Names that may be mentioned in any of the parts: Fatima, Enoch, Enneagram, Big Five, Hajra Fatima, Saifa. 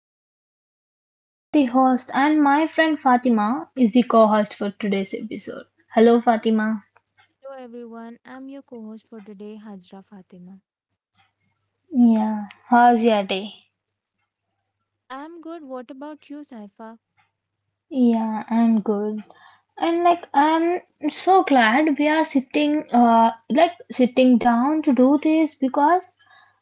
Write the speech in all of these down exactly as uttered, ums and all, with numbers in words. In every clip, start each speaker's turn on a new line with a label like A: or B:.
A: me introduce ourselves. I am the host and my friend Fatima is the co-host for today's episode. Hello Fatima.
B: Hello everyone, I'm your co host for today, Hajra Fatima.
A: Yeah, how's your day?
B: I'm good. What about you, Saifa?
A: Yeah, I'm good. And like I'm so glad we are sitting uh like sitting down to do this because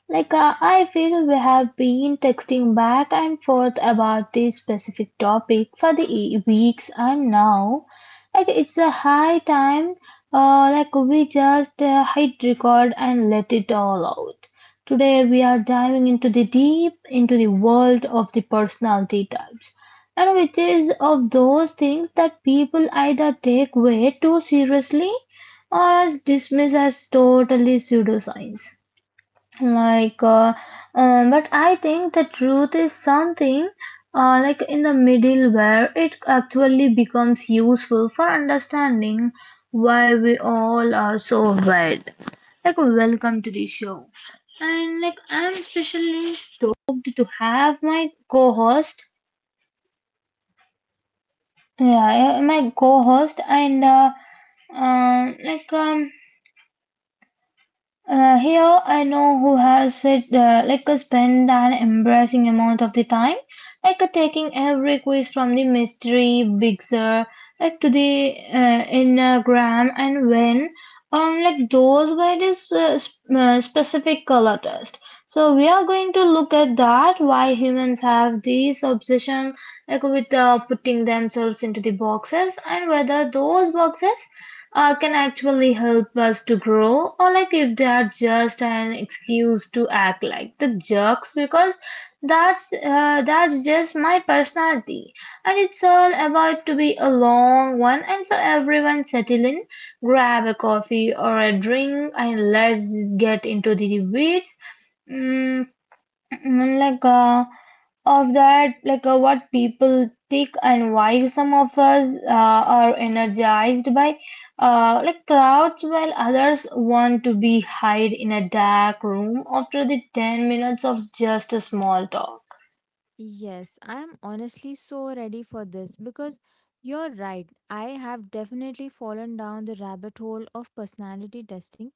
A: like uh, I feel we have been texting back and forth about this specific topic for the e- weeks and now like it's a high time uh like we just uh, hit record and let it all out. Today we are diving into the deep into the world of the personality types and which is of those things that people either take way too seriously or as dismiss as totally pseudoscience like uh, um, but I think the truth is something uh, like in the middle where it actually becomes useful for understanding why we all are so wide. Like welcome to the show, and like I'm especially stoked to have my co-host. Yeah, yeah, my co-host. And uh, um like um uh, Here I know who has said uh, like a spend an embarrassing amount of the time, like a taking every quiz from the mystery big sir, like to the uh, enneagram, and when, um, like those were this uh, sp- uh, specific color test. So we are going to look at that why humans have this obsession like with uh, putting themselves into the boxes, and whether those boxes uh, can actually help us to grow, or like if they are just an excuse to act like the jerks because that's uh, that's just my personality. And it's all about to be a long one, and so everyone settle in, grab a coffee or a drink, and let's get into the weeds. mm, like uh, of that like uh, what people think, and why some of us uh, are energized by uh, like crowds, while others want to be hide in a dark room after the ten minutes of just a small talk.
B: Yes, I'm honestly so ready for this because you're right. I have definitely fallen down the rabbit hole of personality testing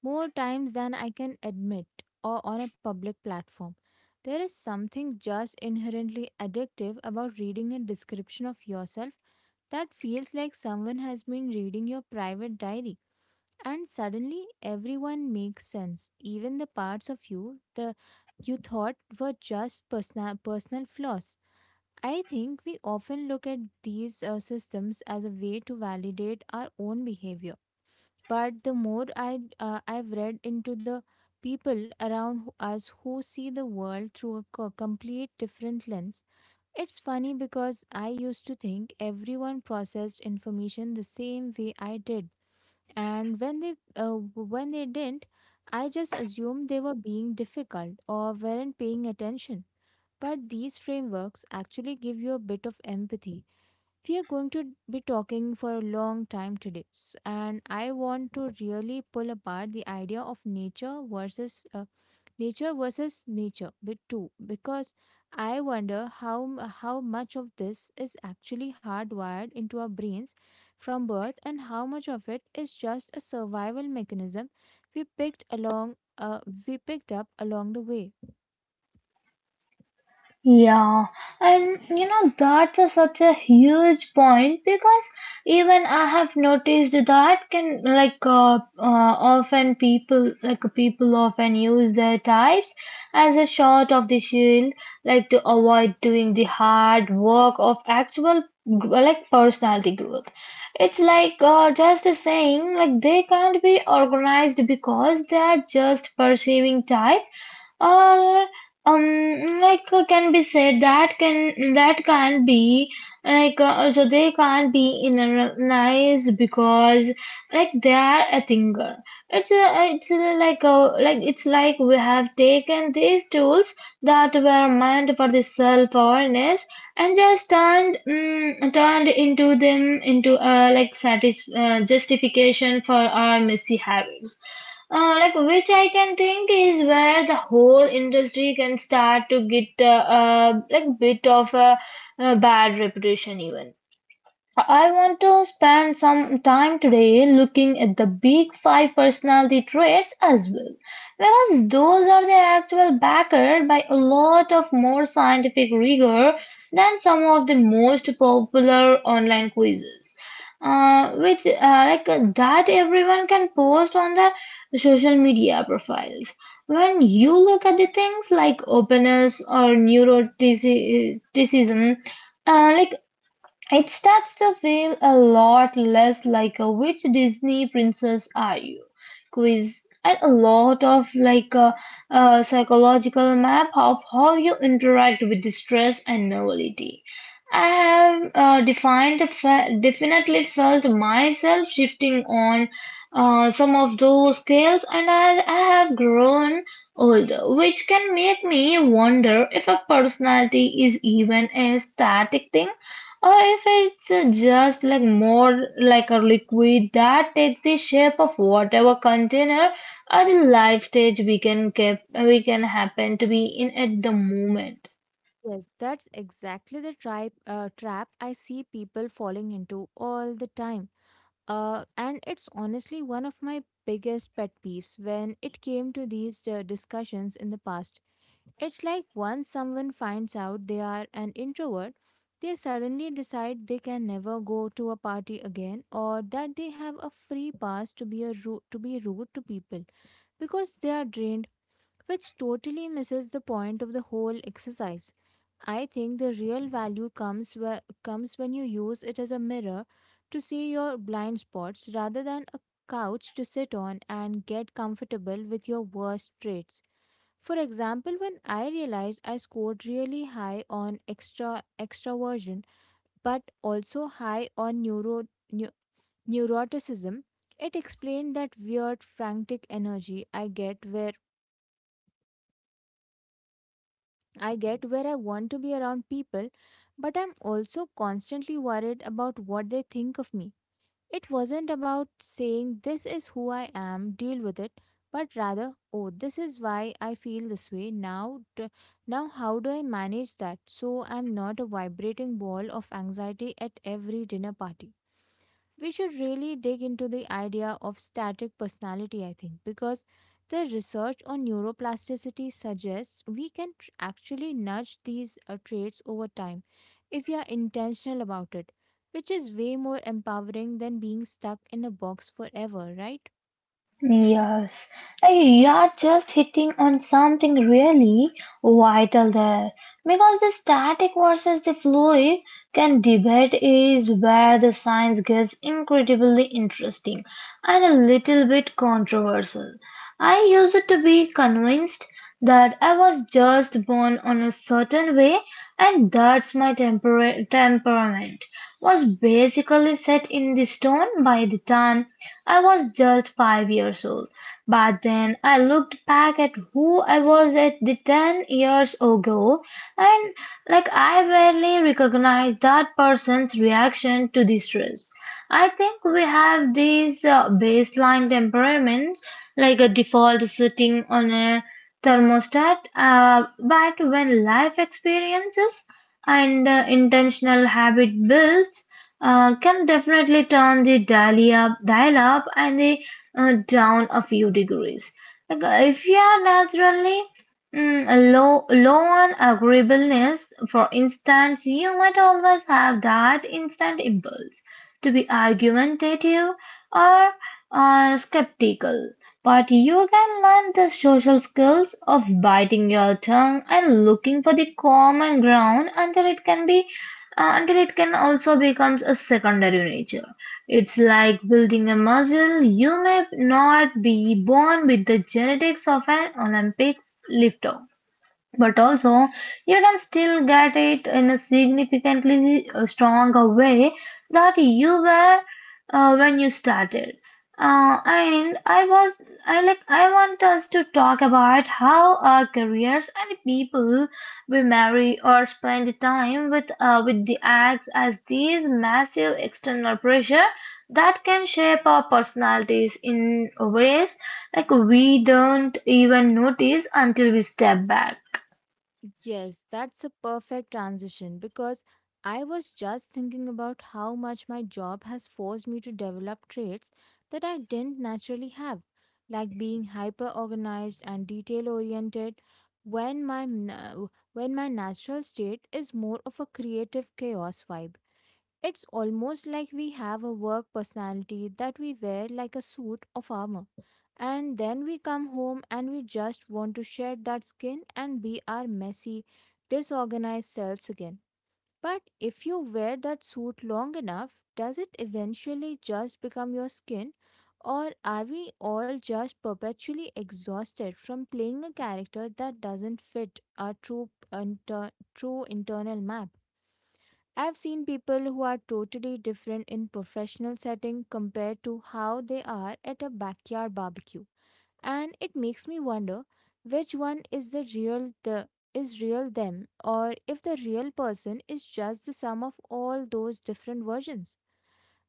B: more times than I can admit or on a public platform. There is something just inherently addictive about reading a description of yourself that feels like someone has been reading your private diary. And suddenly everyone makes sense, even the parts of you the you thought were just personal personal flaws. I think we often look at these uh, systems as a way to validate our own behavior, but the more i uh, i've read into the people around who- us who see the world through a co- complete different lens. It's funny because I used to think everyone processed information the same way I did, and when they uh, when they didn't, I just assumed they were being difficult or weren't paying attention. But these frameworks actually give you a bit of empathy. We are going to be talking for a long time today s- and I want to really pull apart the idea of nature versus uh, nature versus nature bit too, because I wonder how m- how much of this is actually hardwired into our brains from birth and how much of it is just a survival mechanism we picked along uh, we picked up along the way.
A: Yeah, and you know, that's a, such a huge point because even I have noticed that can like uh, uh, often people like people often use their types as a shot of the shield, like to avoid doing the hard work of actual gr- like personality growth. It's like uh, just a saying like they can't be organized because they are just perceiving type. Um, like uh, can be said that can that can't be like uh, also they can't be analyzed because like they are a thinker. It's a, it's a, like a, like It's like we have taken these tools that were meant for the self awareness and just turned mm, turned into them into uh, like satis- uh, justification for our messy habits, uh, like which I can think is where the whole industry can start to get uh, uh, like bit of a, a bad reputation even. I want to spend some time today looking at the big five personality traits as well, because those are the actual backer by a lot of more scientific rigor than some of the most popular online quizzes, uh, which uh, like uh, that everyone can post on their social media profiles. When you look at the things like openness or neuroticism, uh, like it starts to feel a lot less like a which Disney princess are you quiz and a lot of like a, a psychological map of how you interact with distress and novelty. I have uh, defined fe- definitely felt myself shifting on uh, some of those scales, and I, I have grown older, which can make me wonder if a personality is even a static thing or if it's uh, just like more like a liquid that takes the shape of whatever container or the life stage we can keep we can happen to be in at the moment.
B: Yes, that's exactly the tribe, uh, trap I see people falling into all the time. Uh, and it's honestly one of my biggest pet peeves when it came to these uh, discussions in the past. It's like once someone finds out they are an introvert, they suddenly decide they can never go to a party again, or that they have a free pass to be a ru- to be rude to people because they are drained, which totally misses the point of the whole exercise. I think the real value comes where, comes when you use it as a mirror to see your blind spots rather than a couch to sit on and get comfortable with your worst traits. For example, when I realized I scored really high on extra extraversion but also high on neuro, neu- neuroticism, it explained that weird frantic energy I get where I get where I want to be around people, but I'm also constantly worried about what they think of me. It wasn't about saying, "This is who I am, deal with it," but rather, "Oh, this is why I feel this way." Now, t- now how do I manage that so I'm not a vibrating ball of anxiety at every dinner party? We should really dig into the idea of static personality, I think, because the research on neuroplasticity suggests we can tr- actually nudge these uh, traits over time if we are intentional about it, which is way more empowering than being stuck in a box forever, right?
A: Yes. Uh, you are just hitting on something really vital there because the static versus the fluid can debate is where the science gets incredibly interesting and a little bit controversial. I used to be convinced that I was just born on a certain way, and that's my temper- temperament was basically set in the stone by the time I was just five years old. But then I looked back at who I was at the ten years ago, and like I barely recognized that person's reaction to the stress. I think we have these uh, baseline temperaments like a default setting on a thermostat, uh, but when life experiences and uh, intentional habit builds uh, can definitely turn the dial up, dial up and the uh, down a few degrees. Like, uh, if you are naturally mm, low, low on agreeableness, for instance, you might always have that instant impulse to be argumentative or uh, skeptical, but you can learn the social skills of biting your tongue and looking for the common ground until it can be uh, until it can also becomes a secondary nature. It's like building a muscle. You may not be born with the genetics of an Olympic lifter, but also you can still get it in a significantly uh, stronger way that you were uh, when you started. Uh, and i was i like i want us to talk about how our careers and the people we marry or spend time with uh, with the acts as these massive external pressure that can shape our personalities in ways like we don't even notice until we step back.
B: Yes, that's a perfect transition because I was just thinking about how much my job has forced me to develop traits that I didn't naturally have, like being hyper organized and detail oriented when my na- when my natural state is more of a creative chaos vibe. It's almost like we have a work personality that we wear like a suit of armor. And then we come home and we just want to shed that skin and be our messy, disorganized selves again. But if you wear that suit long enough, does it eventually just become your skin? Or are we all just perpetually exhausted from playing a character that doesn't fit our true, inter- true internal map? I've seen people who are totally different in professional setting compared to how they are at a backyard barbecue. And it makes me wonder which one is the real the is real them, or if the real person is just the sum of all those different versions.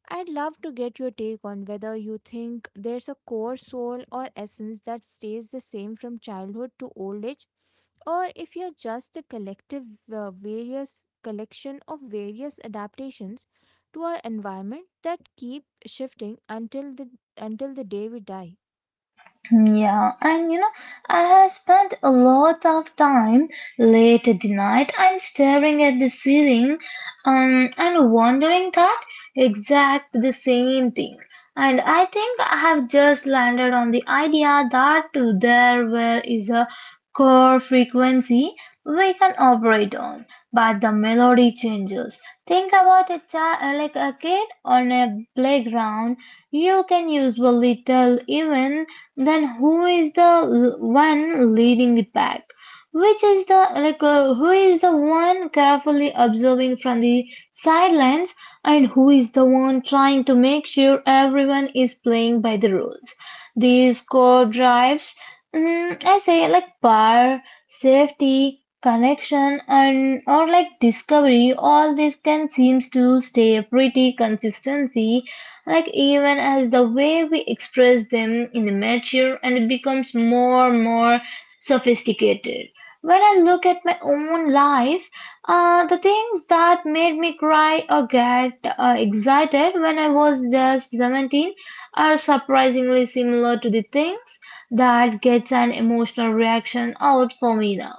B: I'd love to get your take on whether you think there's a core soul or essence that stays the same from childhood to old age, or if you're just a collective uh, various collection of various adaptations to our environment that keep shifting until the until the day we die.
A: Yeah, and you know, I have spent a lot of time late at the night and staring at the ceiling, um, and wondering that exact the same thing. And I think I have just landed on the idea that there were is a core frequency we can operate on, but the melody changes. Think about a child, like a kid on a playground. You can usually tell even then who is the l- one leading the pack, which is the like uh, who is the one carefully observing from the sidelines, and who is the one trying to make sure everyone is playing by the rules. These core drives, mm, I say like power, safety, connection, and or like discovery, all this can seems to stay pretty consistency, like even as the way we express them in the mature and it becomes more and more sophisticated. When I look at my own life, uh, the things that made me cry or get uh, excited when I was just seventeen are surprisingly similar to the things that gets an emotional reaction out for me now,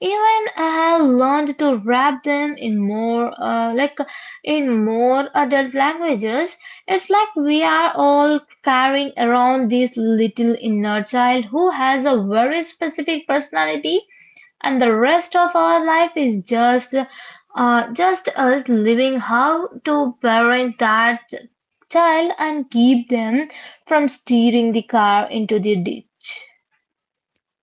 A: even I have learned to wrap them in more uh, like in more adult languages. It's like we are all carrying around this little inner child who has a very specific personality, and the rest of our life is just uh, just us living how to parent that child and keep them from steering the car into the ditch.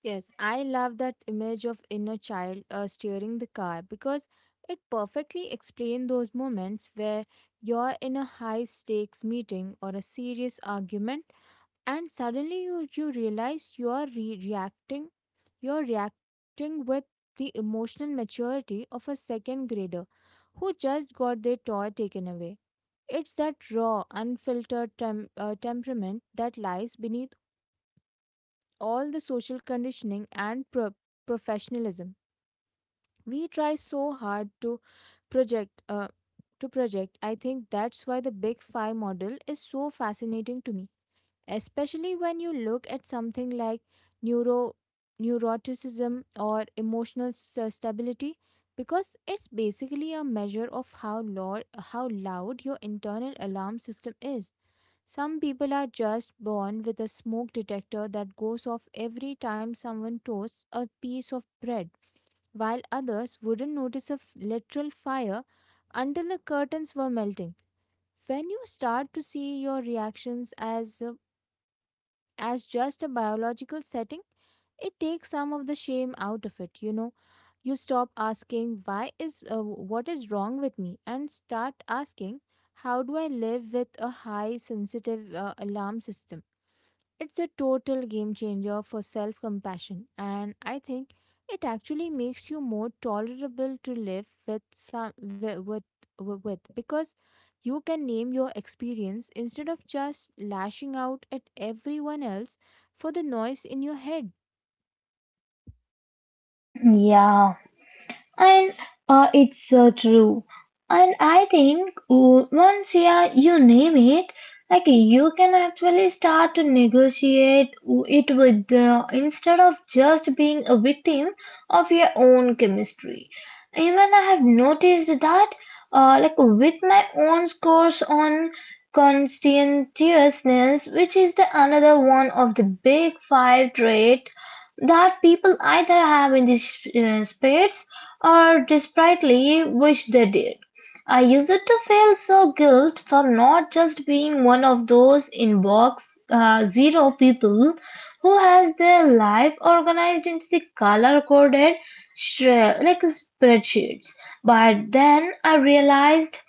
B: Yes, I love that image of inner child uh, steering the car because it perfectly explains those moments where you're in a high stakes meeting or a serious argument, and suddenly you, you realize you are re- reacting you're reacting with the emotional maturity of a second grader who just got their toy taken away. It's that raw unfiltered tem- uh, temperament that lies beneath all the social conditioning and pro- professionalism we try so hard to project uh, to project. I think that's why the big five model is so fascinating to me, especially when you look at something like neuro neuroticism or emotional s- uh, stability, because it's basically a measure of how loud how loud your internal alarm system is. Some people are just born with a smoke detector that goes off every time someone toasts a piece of bread, while others wouldn't notice a f- literal fire until the curtains were melting. When you start to see your reactions as uh, as just a biological setting, it takes some of the shame out of it, you know. You stop asking why is uh, what is wrong with me and start asking how do I live with a high sensitive uh, alarm system? It's a total game changer for self compassion, and I think it actually makes you more tolerable to live with some wi- with wi- with, because you can name your experience instead of just lashing out at everyone else for the noise in your head.
A: Yeah. And uh, it's uh, True. And I think o- once, yeah, you name it, like you can actually start to negotiate w- it with the instead of just being a victim of your own chemistry. Even I have noticed that, uh, like with my own scores on conscientiousness, which is the another one of the big five trait that people either have in these uh, spades or desperately wish they did. I used to feel so guilt for not just being one of those in box uh, zero people who has their life organized into the color coded shre- like spreadsheets. But then I realized,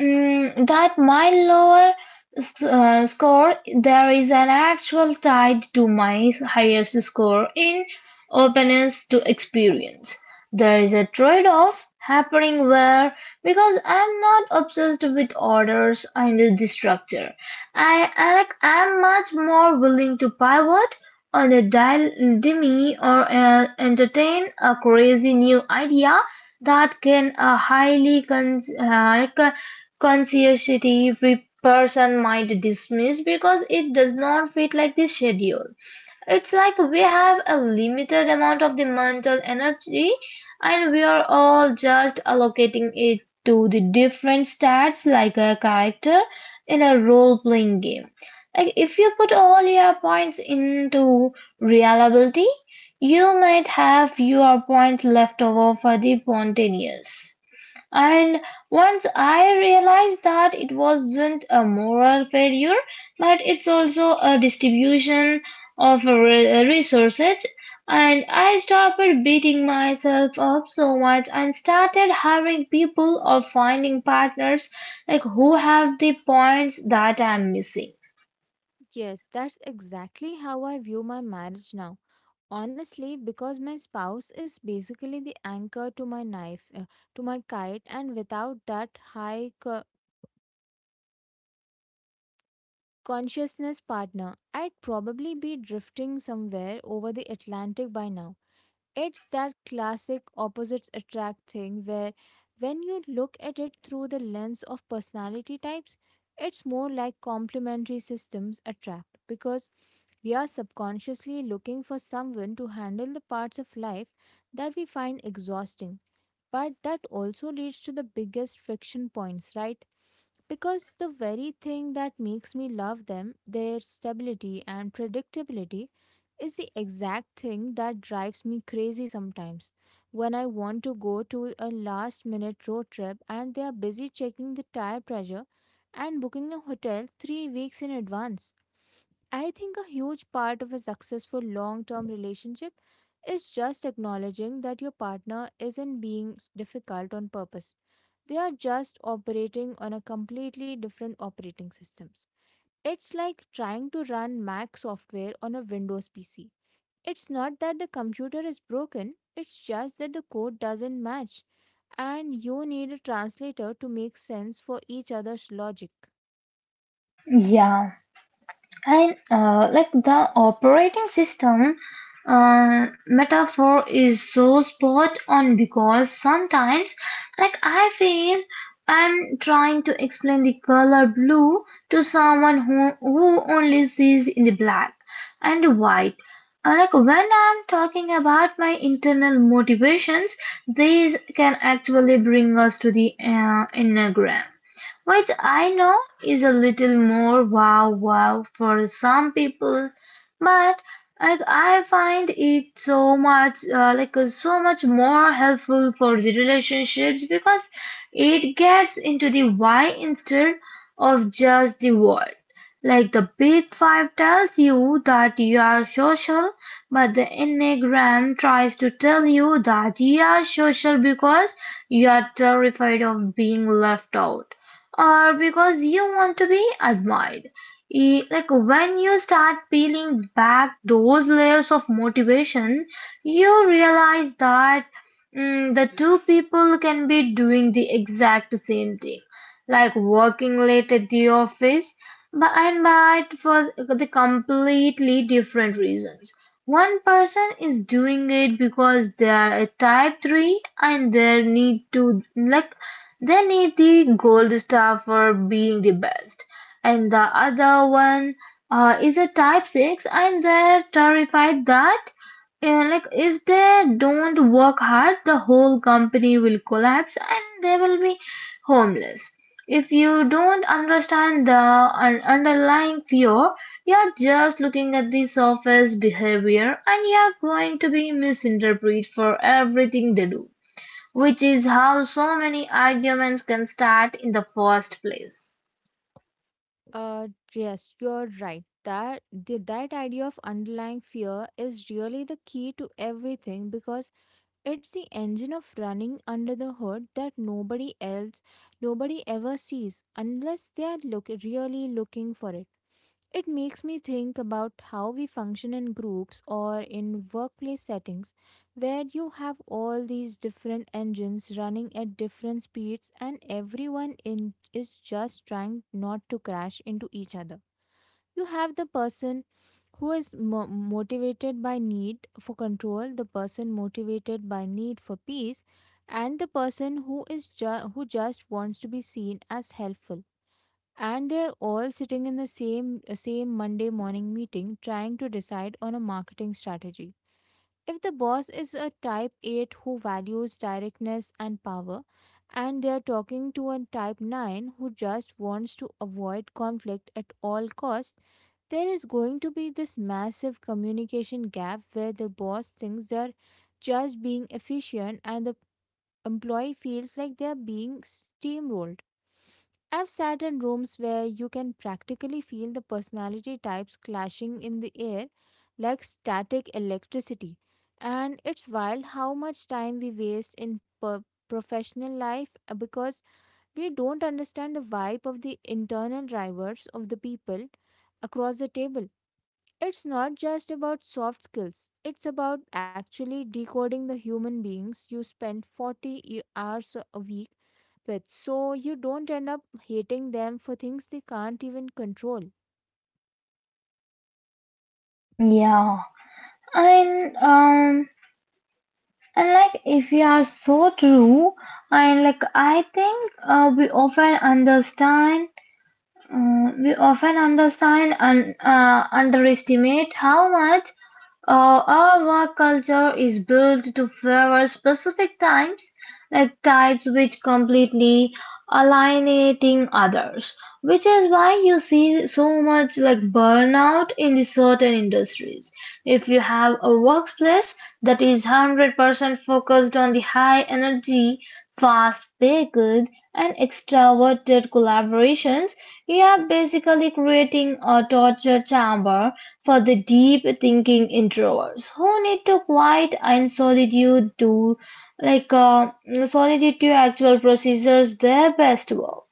A: mm, that my lower s- uh, score there is an actual tied to my higher score in openness to experience. There is a trade-off happening where, because I'm not obsessed with orders under the structure, I am much more willing to pivot on a dil- dime or uh, entertain a crazy new idea that can a highly con- uh, conscientious person might dismiss because it does not fit like the schedule. It's like we have a limited amount of the mental energy, and we are all just allocating it to the different stats like a character in a role playing game. Like if you put all your points into reliability, you might have your points left over for the spontaneous. And once I realized that it wasn't a moral failure, but it's also a distribution of re- resources, and I stopped beating myself up so much and started hiring people or finding partners like who have the points that I'm missing.
B: Yes, that's exactly how I view my marriage now. Honestly, because my spouse is basically the anchor to my knife, uh, to my kite, and without that high consciousness partner, I'd probably be drifting somewhere over the Atlantic by now. It's that classic opposites attract thing where when you look at it through the lens of personality types, it's more like complementary systems attract because we are subconsciously looking for someone to handle the parts of life that we find exhausting. But that also leads to the biggest friction points, right? Because the very thing that makes me love them, their stability and predictability, is the exact thing that drives me crazy sometimes. When I want to go to a last minute road trip and they are busy checking the tire pressure and booking a hotel three weeks in advance. I think a huge part of a successful long term relationship is just acknowledging that your partner isn't being difficult on purpose, they are just operating on a completely different operating systems. It's like trying to run Mac software on a Windows P C. It's not that the computer is broken, it's just that the code doesn't match and you need a translator to make sense for each other's logic.
A: Yeah. And uh, like the operating system uh, metaphor is so spot on, because sometimes, like I feel I'm trying to explain the color blue to someone who who only sees in the black and white. Uh, Like when I'm talking about my internal motivations, these can actually bring us to the uh, enneagram. What I know is a little more wow wow for some people, but like I find it so much uh, like uh, so much more helpful for the relationships because it gets into the why instead of just the what. Like the big five tells you that you are social, but the Enneagram tries to tell you that you are social because you are terrified of being left out or because you want to be admired. E- Like when you start peeling back those layers of motivation, you realize that mm, the two people can be doing the exact same thing, like working late at the office, but and but for the completely different reasons. One person is doing it because they are a type three and they need to like they need the gold star for being the best. And the other one uh, is a type six and they're terrified that uh, like if they don't work hard the whole company will collapse and they will be homeless. If you don't understand the un- underlying fear, you're just looking at the surface behavior and you're going to be misinterpreted for everything they do. Which is how so many arguments can start in the first place.
B: Uh, yes, you're right. That the, that idea of underlying fear is really the key to everything, because it's the engine of running under the hood that nobody else, nobody ever sees unless they are look, really looking for it. It makes me think about how we function in groups or in workplace settings where you have all these different engines running at different speeds and everyone in is just trying not to crash into each other. You have the person who is mo- motivated by need for control, the person motivated by need for peace, and the person who is ju- who just wants to be seen as helpful, and they're all sitting in the same same monday morning meeting trying to decide on a marketing strategy. If the boss is a type eight who values directness and power, and they are talking to a type nine who just wants to avoid conflict at all costs, there is going to be this massive communication gap where the boss thinks they're just being efficient and the employee feels like they're being steamrolled. I've sat in rooms where you can practically feel the personality types clashing in the air like static electricity. And it's wild how much time we waste in per- professional life uh, because we don't understand the vibe of the internal drivers of the people across the table. It's not just about soft skills, it's about actually decoding the human beings you spend forty e- hours a week with. So you don't end up hating them for things they can't even control.
A: Yeah, and um, and like if you are so true, and like I think uh, we often understand Uh, we often understand and uh, underestimate how much uh, our work culture is built to favor specific types, like types which completely alienating others, which is why you see so much like burnout in the certain industries. If you have a workplace that is one hundred percent focused on the high energy, fast paced and extroverted collaborations, you are basically creating a torture chamber for the deep thinking introverts who need to quiet and solitude to like uh, solitude to actual procedures their best work.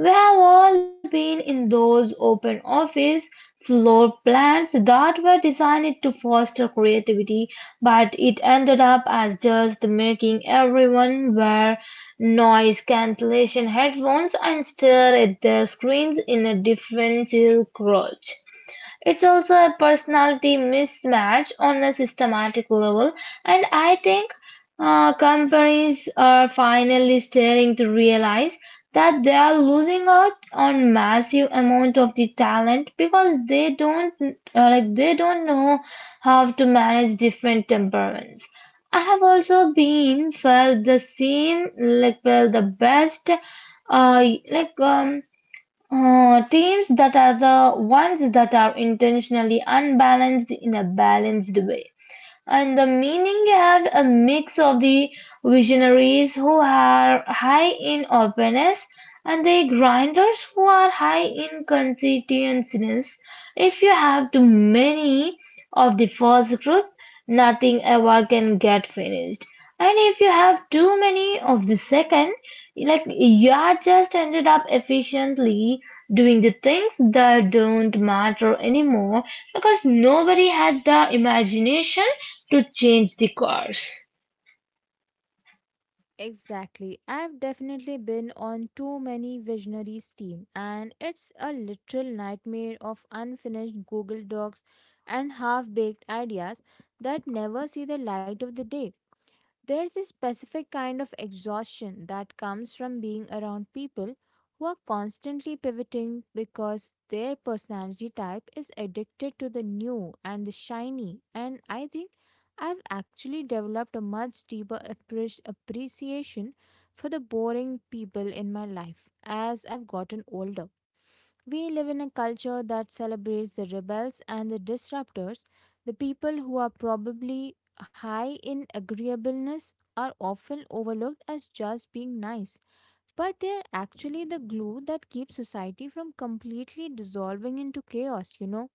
A: We have all been in those open office floor plans that were designed to foster creativity, but it ended up as just making everyone wear noise cancellation headphones and stare at their screens in a defensive crouch. It's also a personality mismatch on a systematic level, and I think uh, companies are finally starting to realize that they are losing out on massive amount of the talent because they don't uh, like they don't know how to manage different temperaments. I have also been felt the same like well the best uh like um uh, teams that are the ones that are intentionally unbalanced in a balanced way and the meaning have a mix of the visionaries who are high in openness and the grinders who are high in conscientiousness. If you have too many of the first group, nothing ever can get finished. And if you have too many of the second, like you are just ended up efficiently doing the things that don't matter anymore because nobody had the imagination to change the course.
B: Exactly. I've definitely been on too many visionaries team and it's a literal nightmare of unfinished Google Docs and half-baked ideas that never see the light of the day. There's a specific kind of exhaustion that comes from being around people who are constantly pivoting because their personality type is addicted to the new and the shiny. And I think I've actually developed a much deeper appre- appreciation for the boring people in my life as I've gotten older. We live in a culture that celebrates the rebels and the disruptors. The people who are probably high in agreeableness are often overlooked as just being nice, but they are actually the glue that keeps society from completely dissolving into chaos, you know.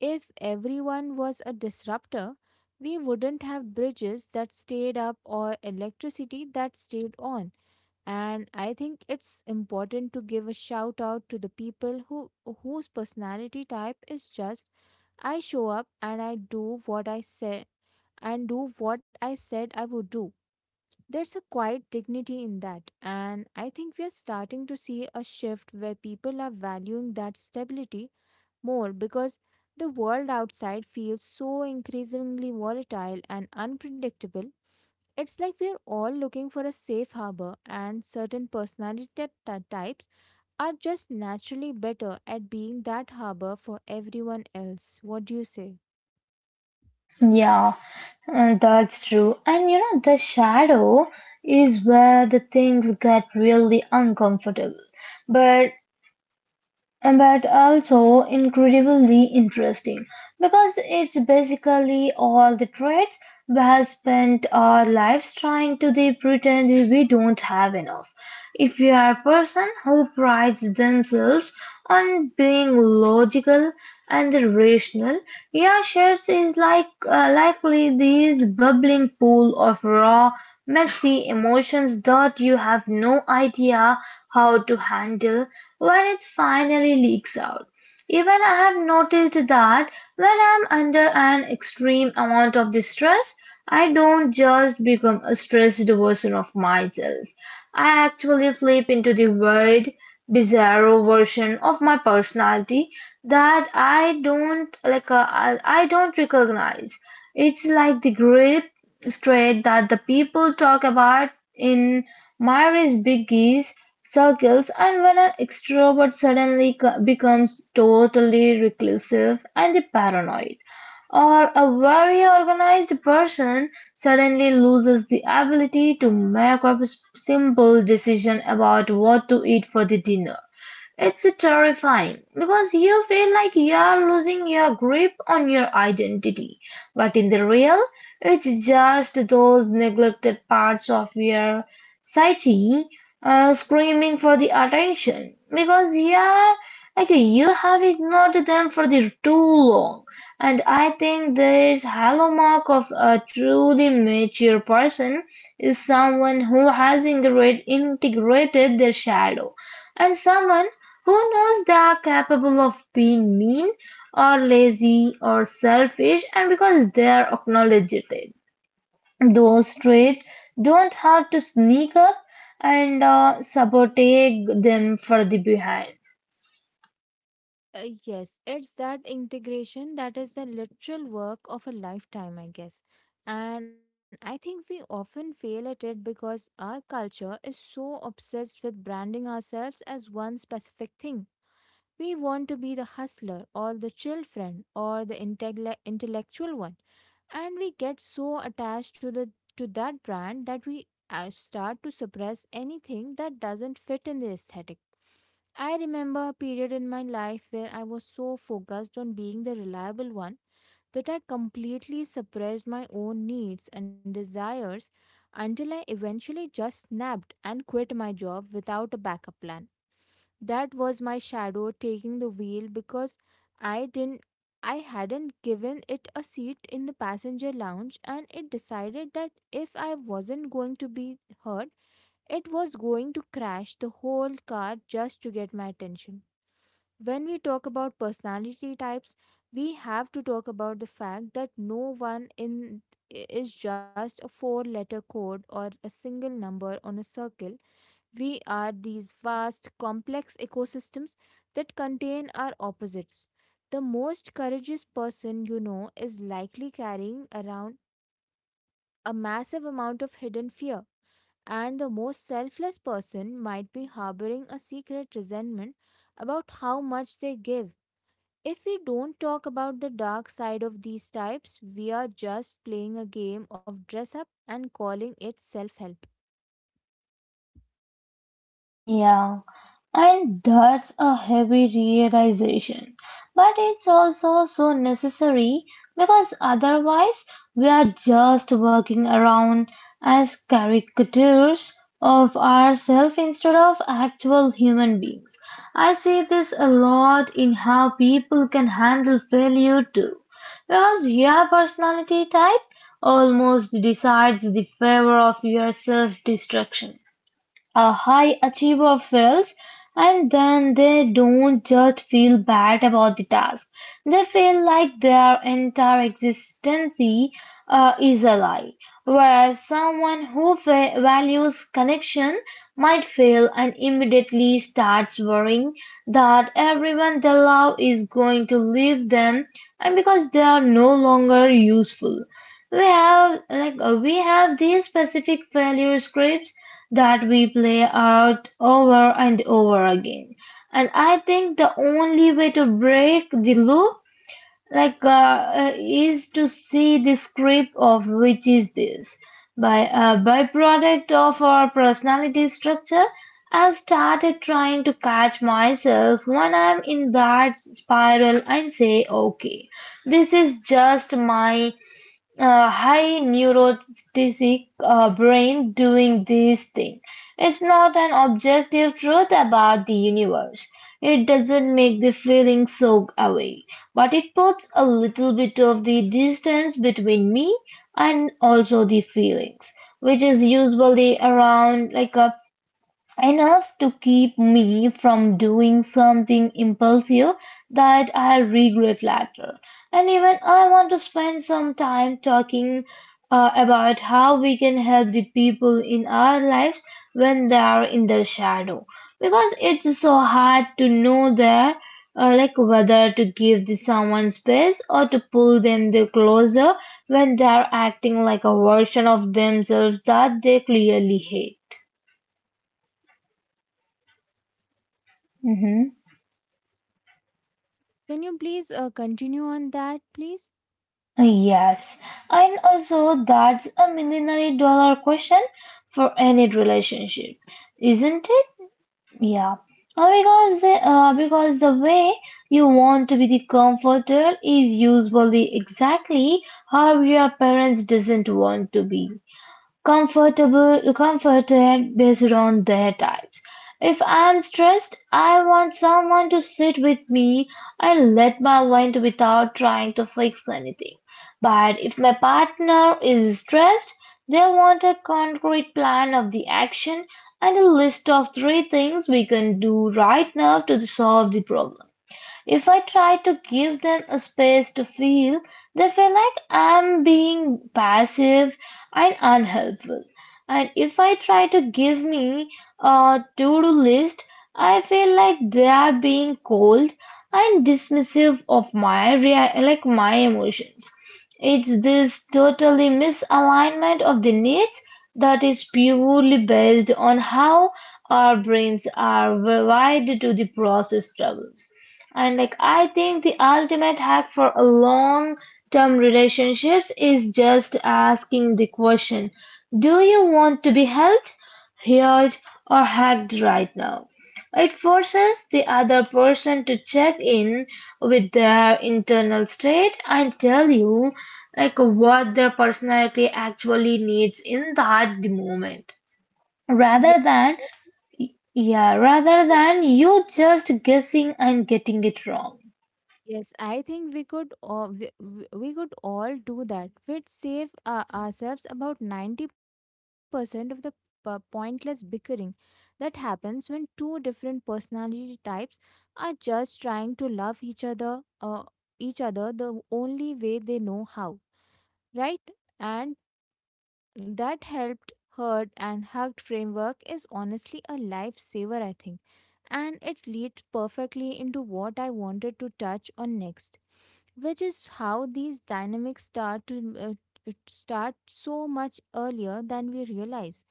B: If everyone was a disruptor, we wouldn't have bridges that stayed up or electricity that stayed on, and I think it's important to give a shout out to the people who whose personality type is just, I show up and I do what I said and do what I said I would do. There's a quiet dignity in that, and I think we are starting to see a shift where people are valuing that stability more because the world outside feels so increasingly volatile and unpredictable. It's like we're all looking for a safe harbor, and certain personality ty- ty- types are just naturally better at being that harbor for everyone else. What do you say?
A: Yeah, uh, that's true. And you know, the shadow is where the things get really uncomfortable. But And but also incredibly interesting because it's basically all the traits we have spent our lives trying to de- pretend we don't have enough. If you are a person who prides themselves on being logical and rational, your shares is like uh, likely this bubbling pool of raw, messy emotions that you have no idea how to handle when it finally leaks out. Even I have noticed that when I'm under an extreme amount of distress, I don't just become a stressed version of myself. I actually flip into the weird, bizarro version of my personality that I don't like. Uh, I I don't recognize. It's like the grip straight that the people talk about in Marriage begins, circles, and when an extrovert suddenly co- becomes totally reclusive and paranoid, or a very organized person suddenly loses the ability to make a simple decision about what to eat for the dinner. It's terrifying because you feel like you're losing your grip on your identity, but in the real, it's just those neglected parts of your psyche uh, screaming for the attention because you're like you have ignored them for the too long. And I think this hallmark of a truly mature person is someone who has integrate, integrated their shadow and someone who knows they are capable of being mean or lazy or selfish, and because they are acknowledged it, those traits don't have to sneak up and uh, sabotage them for the behind.
B: Uh, yes, it's that integration that is the literal work of a lifetime, I guess. And I think we often fail at it because our culture is so obsessed with branding ourselves as one specific thing. We want to be the hustler or the chill friend or the intelle- intellectual one, and we get so attached to the to that brand that we uh, start to suppress anything that doesn't fit in the aesthetic. I remember a period in my life where I was so focused on being the reliable one that I completely suppressed my own needs and desires until I eventually just snapped and quit my job without a backup plan. That was my shadow taking the wheel because I didn't I hadn't given it a seat in the passenger lounge, and it decided that if I wasn't going to be hurt, it was going to crash the whole car just to get my attention. When we talk about personality types, we have to talk about the fact that no one in is just a four letter code or a single number on a circle. We are these vast, complex ecosystems that contain our opposites. The most courageous person you know is likely carrying around a massive amount of hidden fear, and the most selfless person might be harboring a secret resentment about how much they give. If we don't talk about the dark side of these types, we are just playing a game of dress up and calling it self help.
A: Yeah. And that's a heavy realization. But it's also so necessary because otherwise we are just working around as caricatures of ourselves instead of actual human beings. I see this a lot in how people can handle failure too. Because your personality type almost decides the favor of your self destruction a high achiever fails and then they don't just feel bad about the task. They feel like their entire existence uh, is a lie. Whereas someone who fa- values connection might fail and immediately starts worrying that everyone they love is going to leave them and because they are no longer useful. We have like uh, we have these specific failure scripts that we play out over and over again. And I think the only way to break the loop, like, uh, uh, is to see the script of which is this by a byproduct of our personality structure. I've started trying to catch myself when I'm in that spiral and say, okay, this is just my uh, high neurotic uh, brain doing this thing. It's not an objective truth about the universe. It doesn't make the feeling soak away, but it puts a little bit of the distance between me and also the feelings, which is usually around like a enough to keep me from doing something impulsive that I regret later. And even I want to spend some time talking uh, about how we can help the people in our lives when they are in their shadow because it's so hard to know their uh, like whether to give the someone space or to pull them the closer when they are acting like a version of themselves that they clearly hate.
B: Yes, can you please uh, continue on that, please?
A: Yes, and also that's a million dollar question for any relationship, isn't it? Yeah, Uh, because the, uh, because the way you want to be the comforter is usually exactly how your parents doesn't want to be. Comfortable, Comforted based on their types. If I'm stressed, I want someone to sit with me and let my vent without trying to fix anything. But if my partner is stressed, they want a concrete plan of the action and a list of three things we can do right now to solve the problem. If I try to give them a space to feel, they feel like I'm being passive and unhelpful. And if I try to give me a to do list, I feel like they are being cold and dismissive of my rea- like my emotions. It's this totally misalignment of the needs that is purely based on how our brains are wired to the process troubles. And like I think the ultimate hack for a long-term relationships is just asking the question, do you want to be helped, heard, or hacked right now? It forces the other person to check in with their internal state and tell you like what their personality actually needs in that moment.
B: Yes,
A: Rather than yeah, rather
B: yes,
A: than you just guessing and getting it wrong.
B: yes. I think we could all, we, we we could all do that. We'd save uh, ourselves about ninety percent of the p- pointless bickering that happens when two different personality types are just trying to love each other uh, each other the only way they know how, right? And that helped, heard, and hugged framework is honestly a lifesaver, I think. And it leads perfectly into what I wanted to touch on next, which is how these dynamics start to uh, it start so much earlier than we realize.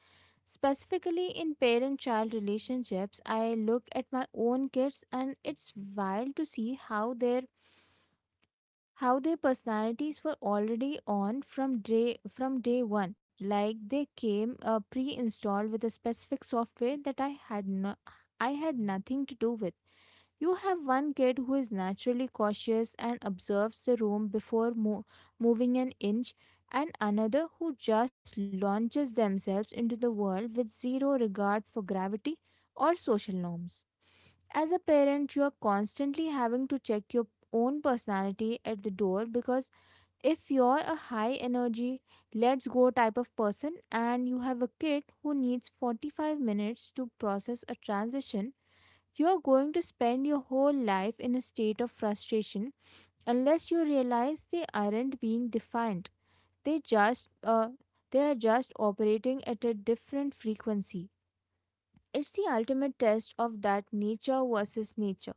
B: Specifically in parent child relationships, I look at my own kids, and it's wild to see how their how their personalities were already on from day from day one. Like they came uh, pre-installed with a specific software that i had no, I had nothing to do with. You have one kid who is naturally cautious and observes the room before mo- moving an inch, and another who just launches themselves into the world with zero regard for gravity or social norms. As a parent, you are constantly having to check your own personality at the door because if you're a high energy, let's go type of person and you have a kid who needs forty-five minutes to process a transition, you're going to spend your whole life in a state of frustration unless you realize they aren't being defined. They just uh, they are just operating at a different frequency. It's the ultimate test of that nature versus nature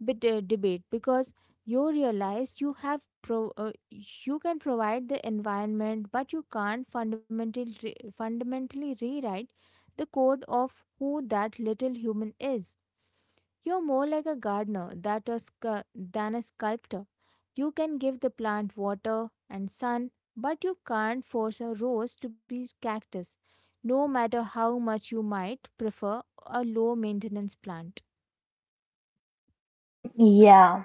B: bit uh, debate because you realize you have pro- uh, you can provide the environment but you can't fundamentally re- fundamentally rewrite the code of who that little human is. You're more like a gardener that a scu- than a sculptor. You can give the plant water and sun, but you can't force a rose to be cactus no matter how much you might prefer a low maintenance plant.
A: Mm, yeah,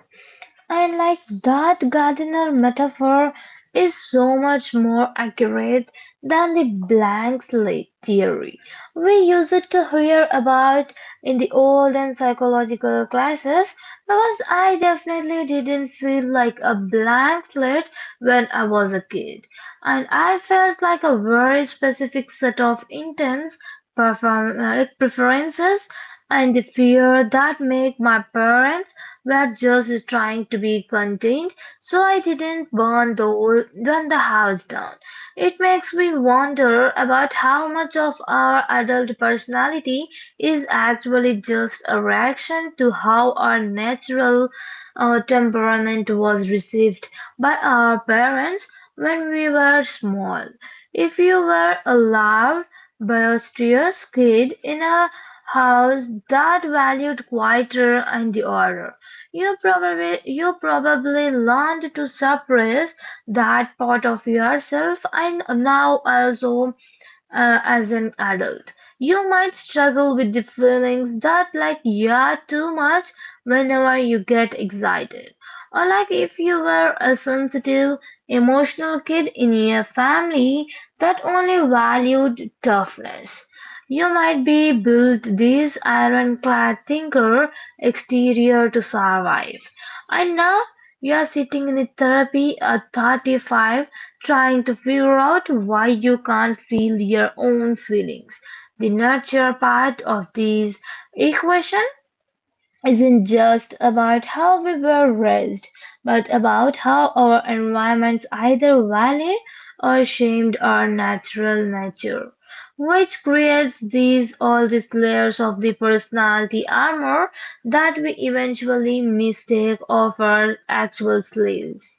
A: and like that gardener metaphor is so much more accurate than the blank slate theory. We use it to hear about in the old and psychological classes because I definitely didn't feel like a blank slate when I was a kid. And I felt like a very specific set of intents, perform- uh, preferences, and the fear that made my parents were just trying to be contained, so I didn't burn the old, burn the house down. It makes me wonder about how much of our adult personality is actually just a reaction to how our natural uh, temperament was received by our parents when we were small. If you were a loud, boisterous kid in a house that valued quieter and the order, you probably you probably learned to suppress that part of yourself and now also uh, as an adult. You might struggle with the feelings that, like, yeah, too much whenever you get excited, or like if you were a sensitive, emotional kid in your family that only valued toughness. You might be built this ironclad thinker exterior to survive. And now you are sitting in a therapy at thirty-five, trying to figure out why you can't feel your own feelings. The nurture part of this equation isn't just about how we were raised, but about how our environments either value or shamed our natural nature, which creates these all these layers of the personality armor that we eventually mistake of our actual selves.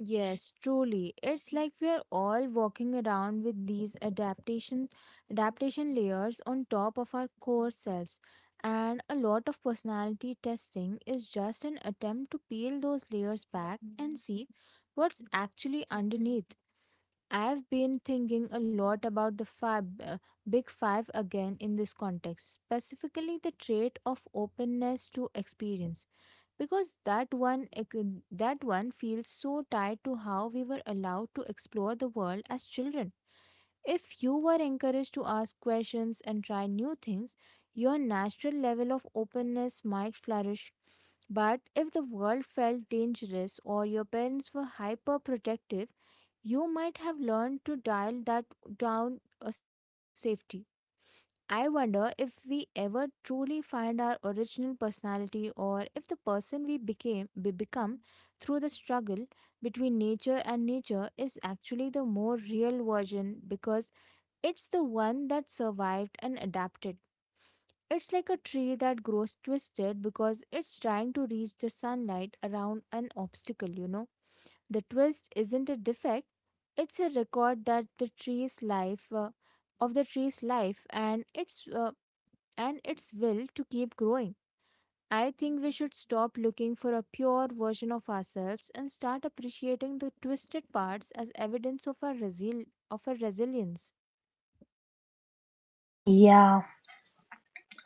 B: Yes, truly. It's like we are all walking around with these adaptation adaptation layers on top of our core selves. And a lot of personality testing is just an attempt to peel those layers back and see what's actually underneath. I've been thinking a lot about the five, uh, big five again in this context, specifically the trait of openness to experience because that one ex- that one feels so tied to how we were allowed to explore the world as children. If you were encouraged to ask questions and try new things, your natural level of openness might flourish, but if the world felt dangerous or your parents were hyperprotective, you might have learned to dial that down a safety. I wonder if we ever truly find our original personality, or if the person we became we become through the struggle between nature and nature is actually the more real version because it's the one that survived and adapted. It's like a tree that grows twisted because it's trying to reach the sunlight around an obstacle, you know. The twist isn't a defect, it's a record that the tree's life uh, of the tree's life and it's uh, and its will to keep growing. I think we should stop looking for a pure version of ourselves and start appreciating the twisted parts as evidence of our, resil- of our resilience.
A: Yeah.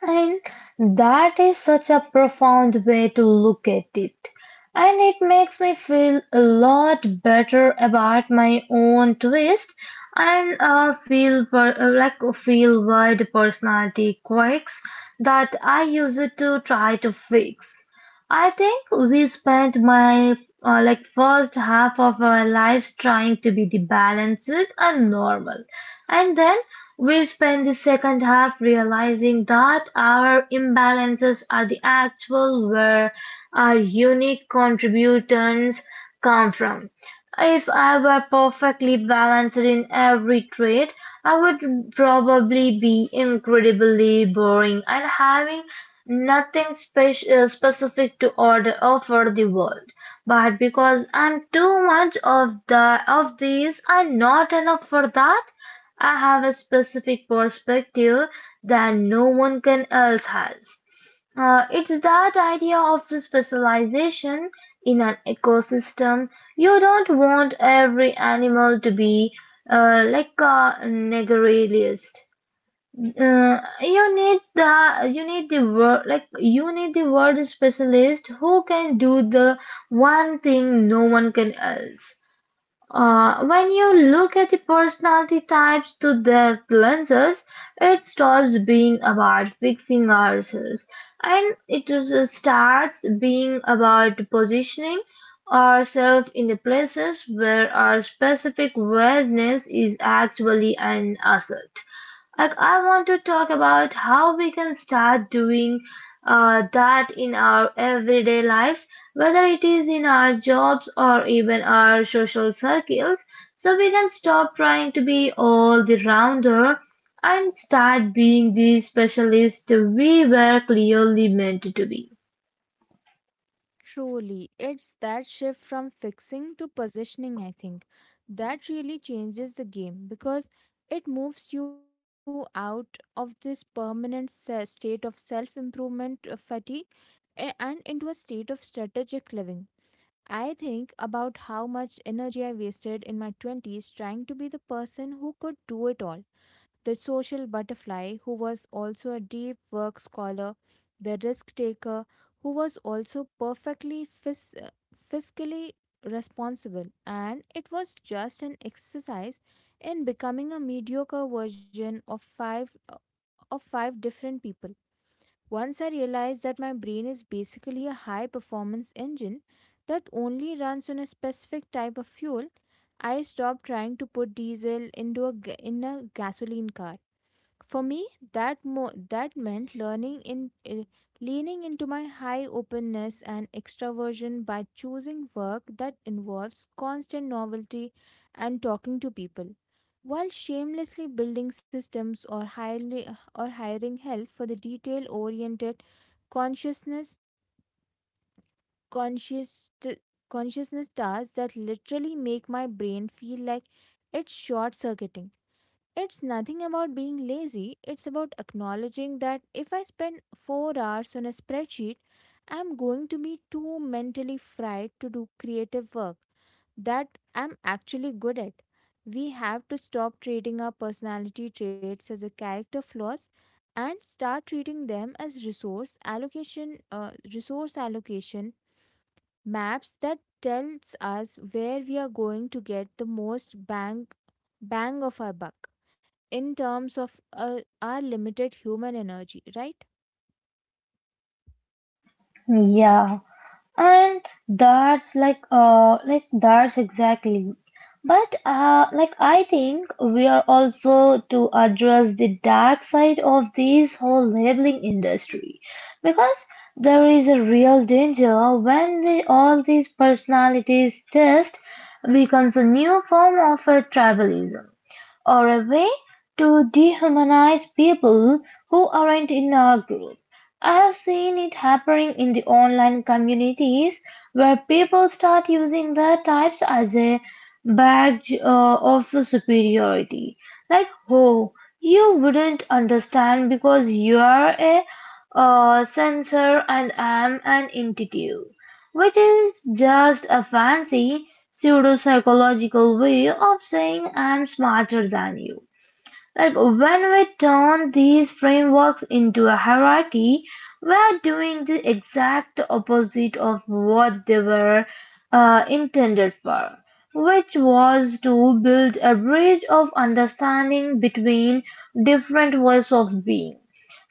A: And that is such a profound way to look at it. And it makes me feel a lot better about my own twist and uh, feel per- uh, like feel wide personality quirks that I use it to try to fix. I think we spent my uh, like first half of our lives trying to be the balanced and normal, and then we spend the second half realizing that our imbalances are the actual where our unique contributions come from. If I were perfectly balanced in every trait, I would probably be incredibly boring and having nothing spec- uh, specific to order offer the world. But because I'm too much of the of these and not enough for that, I have a specific perspective that no one can else has. Uh, it's that idea of the specialization in an ecosystem. You don't want every animal to be uh, like a negrilialist. Uh, you need the you need the word like you need the word specialist who can do the one thing no one can else. Uh, when you look at the personality types through their lenses, it stops being about fixing ourselves, and it is- starts being about positioning ourselves in the places where our specific wellness is actually an asset. Like I want to talk about how we can start doing uh, that in our everyday lives, whether it is in our jobs or even our social circles, so we can stop trying to be all the rounder and start being the specialist we were clearly meant to be.
B: Truly, it's that shift from fixing to positioning, I think, that really changes the game because it moves you out of this permanent se- state of self improvement fatigue a- and into a state of strategic living. I think about how much energy I wasted in my twenties trying to be the person who could do it all. The social butterfly, who was also a deep work scholar, the risk taker, who was also perfectly fis- uh, fiscally responsible. And it was just an exercise in becoming a mediocre version of five, of five different people. Once I realized that my brain is basically a high performance engine that only runs on a specific type of fuel, I stopped trying to put diesel into a, ga- in a gasoline car. For me, that mo- that meant learning in eh, leaning into my high openness and extraversion by choosing work that involves constant novelty and talking to people, while shamelessly building systems or hiring or hiring help for the detail-oriented consciousness conscious t- consciousness tasks that literally make my brain feel like it's short-circuiting. It's nothing about being lazy, it's about acknowledging that if I spend four hours on a spreadsheet, I'm going to be too mentally fried to do creative work that I'm actually good at. We have to stop treating our personality traits as a character flaws and start treating them as resource allocation uh, resource allocation maps that tells us where we are going to get the most bang bang of our buck in terms of uh, our limited human energy, right?
A: Yeah. And that's like uh like that's exactly, but uh like I think we are also to address the dark side of this whole labeling industry, because there is a real danger when the, all these personalities test becomes a new form of a tribalism or a way to dehumanize people who aren't in our group. I have seen it happening in the online communities, where people start using their types as a badge uh, of superiority. Like, oh, you wouldn't understand because you are a uh, sensor and I am an intuitive, which is just a fancy pseudo-psychological way of saying I'm smarter than you. Like when we turn these frameworks into a hierarchy, we're doing the exact opposite of what they were uh, intended for, which was to build a bridge of understanding between different ways of being.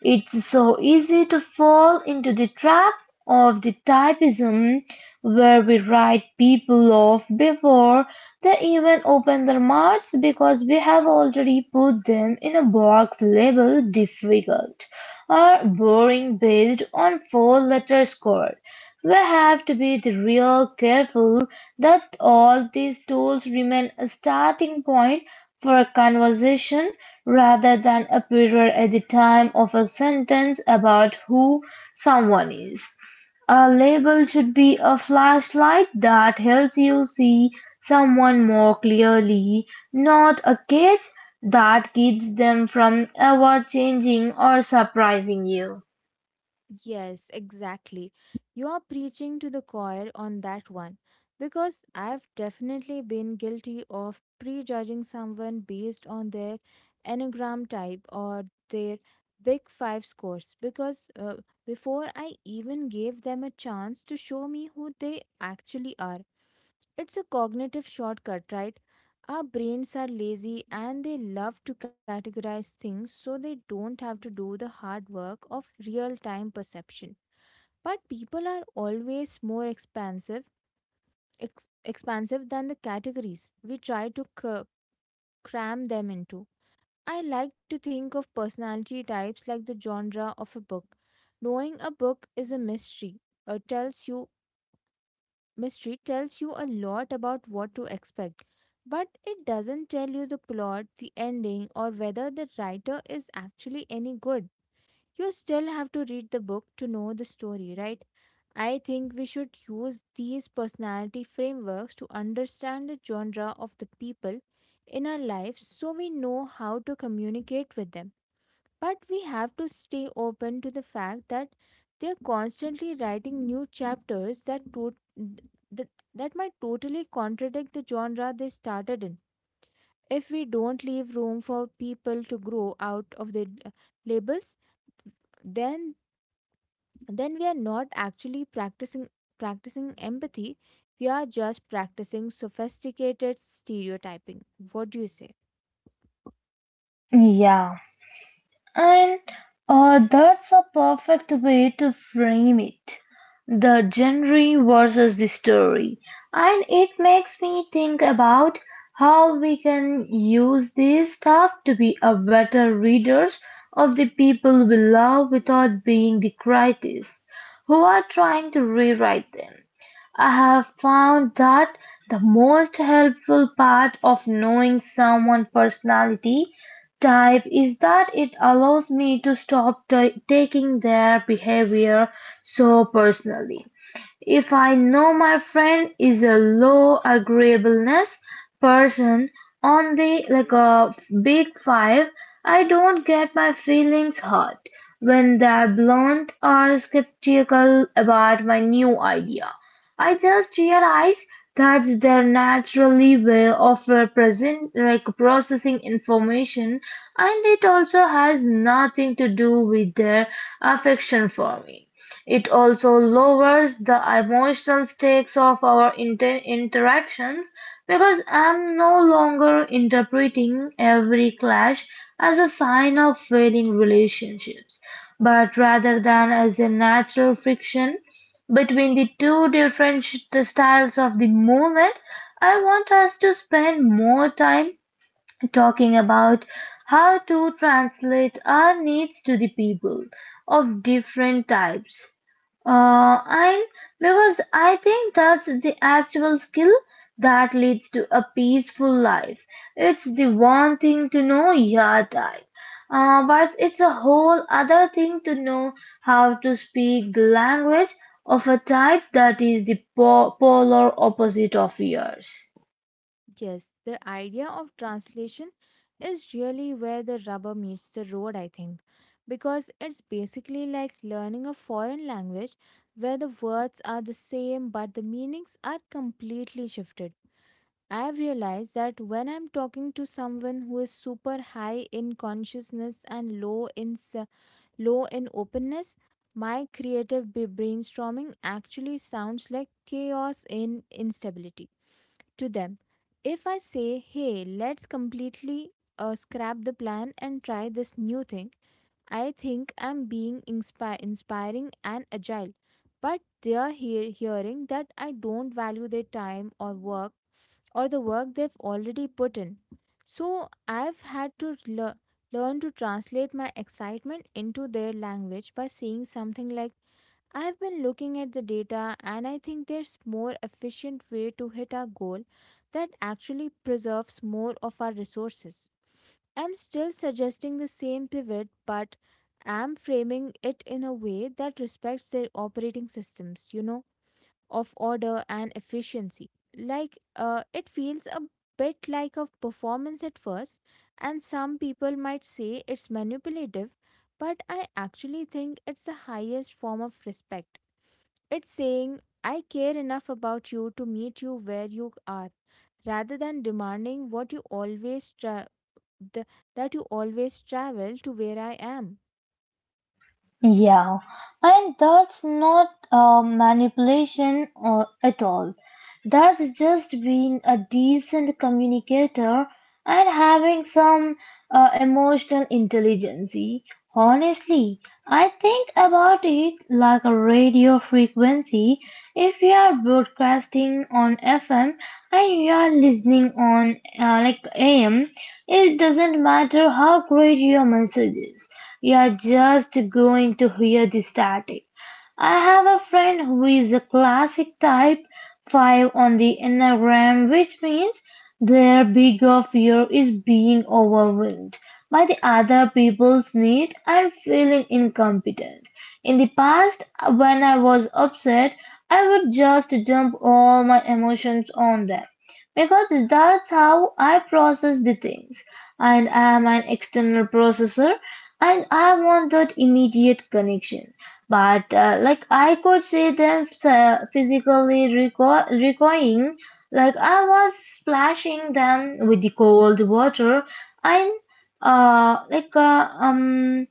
A: It's so easy to fall into the trap of the typism, where we write people off before they even open their mouths because we have already put them in a box labeled difficult or boring based on four letter score. We have to be real careful that all these tools remain a starting point for a conversation rather than appear at the time of a sentence about who someone is. A label should be a flashlight that helps you see someone more clearly, not a cage that keeps them from ever changing or surprising you.
B: Yes, exactly. You are preaching to the choir on that one because I've definitely been guilty of prejudging someone based on their enneagram type or their big five scores because uh, before I even gave them a chance to show me who they actually are. It's a cognitive shortcut, right? Our brains are lazy and they love to categorize things so they don't have to do the hard work of real time perception. But people are always more expansive, ex- expansive than the categories we try to c- cram them into. I like to think of personality types like the genre of a book. Knowing a book is a mystery. It tells you Mystery tells you a lot about what to expect, but it doesn't tell you the plot, the ending, or whether the writer is actually any good. You still have to read the book to know the story, right? I think we should use these personality frameworks to understand the genre of the people in our lives so we know how to communicate with them. But we have to stay open to the fact that they're constantly writing new chapters that, to- that, that might totally contradict the genre they started in. If we don't leave room for people to grow out of the labels, then then we are not actually practicing practicing empathy. We are just practicing sophisticated stereotyping. What do you say?
A: Yeah. And uh, that's a perfect way to frame it. The genre versus the story. And it makes me think about how we can use this stuff to be a better readers of the people we love without being the critics who are trying to rewrite them. I have found that the most helpful part of knowing someone's personality type is that it allows me to stop ta- taking their behavior so personally. If I know my friend is a low agreeableness person on the like a big five, I don't get my feelings hurt when they're blunt or skeptical about my new idea. I just realize that's their naturally way of represent like processing information, and it also has nothing to do with their affection for me. It also lowers the emotional stakes of our inter- interactions because I'm no longer interpreting every clash as a sign of failing relationships, but rather than as a natural friction between the two different sh- styles of the movement. I want us to spend more time talking about how to translate our needs to the people of different types uh, and because I think that's the actual skill that leads to a peaceful life. It's the one thing to know your type, uh, but it's a whole other thing to know how to speak the language of a type that is the po- polar opposite of yours.
B: Yes, the idea of translation is really where the rubber meets the road, I think, because it's basically like learning a foreign language where the words are the same but the meanings are completely shifted. I've realized that when I'm talking to someone who is super high in consciousness and low in s- low in openness, my creative b- brainstorming actually sounds like chaos in instability to them. If I say, "Hey, let's completely uh, scrap the plan and try this new thing," I think I'm being inspi- inspiring and agile. But they're hear- hearing that I don't value their time or work or the work they've already put in. So I've had to lear- learn to translate my excitement into their language by saying something like, I have been looking at the data and I think there's more efficient way to hit our goal that actually preserves more of our resources. I'm still suggesting the same pivot, but I'm framing it in a way that respects their operating systems, you know, of order and efficiency. Like uh, it feels a bit like a performance at first, and some people might say it's manipulative, but I actually think it's the highest form of respect. It's saying, I care enough about you to meet you where you are, rather than demanding what you always tra- the, that you always travel to where I am.
A: Yeah, and that's not uh, manipulation uh, at all. That's just being a decent communicator and having some uh, emotional intelligence. Honestly, I think about it like a radio frequency. If you are broadcasting on F M and you are listening on uh, like A M, it doesn't matter how great your message is, you're just going to hear the static. I have a friend who is a classic type five on the Enneagram, which means their bigger fear is being overwhelmed by the other people's need and feeling incompetent. In the past, when I was upset, I would just dump all my emotions on them because that's how I process the things. And I am an external processor, and I want that immediate connection, but uh, like I could see them uh, physically reco- recoiling. Like I was splashing them with the cold water, and uh, like uh, um,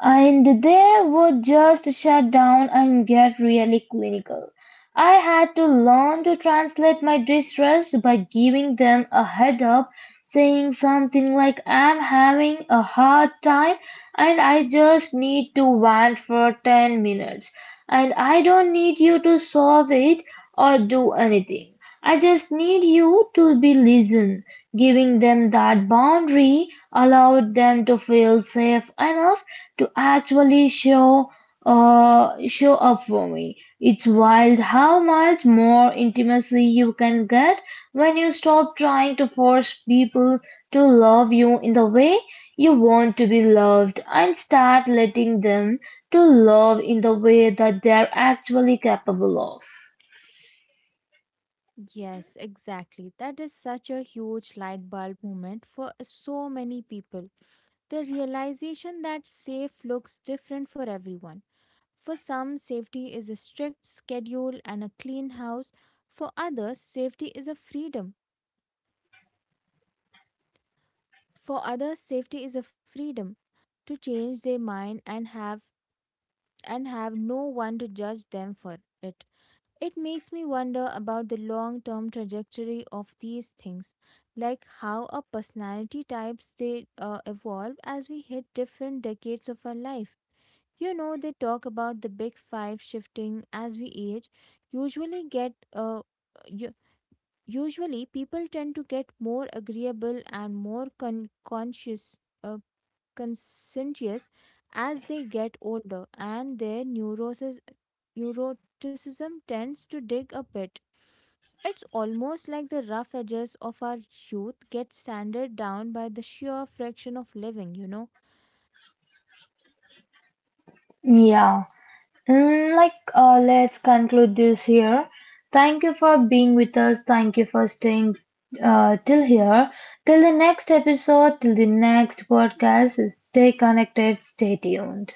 A: and they would just shut down and get really clinical. I had to learn to translate my distress by giving them a head up, saying something like, I'm having a hard time and I just need to vent for ten minutes, and I don't need you to solve it or do anything. I just need you to be listened. Giving them that boundary allowed them to feel safe enough to actually show uh, show up for me. It's wild how much more intimacy you can get when you stop trying to force people to love you in the way you want to be loved, and start letting them to love in the way that they're actually capable of.
B: Yes, exactly. That is such a huge light bulb moment for so many people. The realization that safe looks different for everyone. For some, safety is a strict schedule and a clean house. For others, safety is a freedom. For others, safety is a freedom to change their mind and have and have no one to judge them for it. It makes me wonder about the long-term trajectory of these things, like how our personality types they uh, evolve as we hit different decades of our life. You know, they talk about the big five shifting as we age. Usually get uh, u- Usually people tend to get more agreeable and more con- conscious uh, conscientious as they get older, and their neurosis neuroticism tends to dig a bit. It's almost like the rough edges of our youth get sanded down by the sheer friction of living, you know.
A: Yeah. Mm, like, uh, let's conclude this here. Thank you for being with us. Thank you for staying uh, till here. Till the next episode, till the next podcast, stay connected, stay tuned.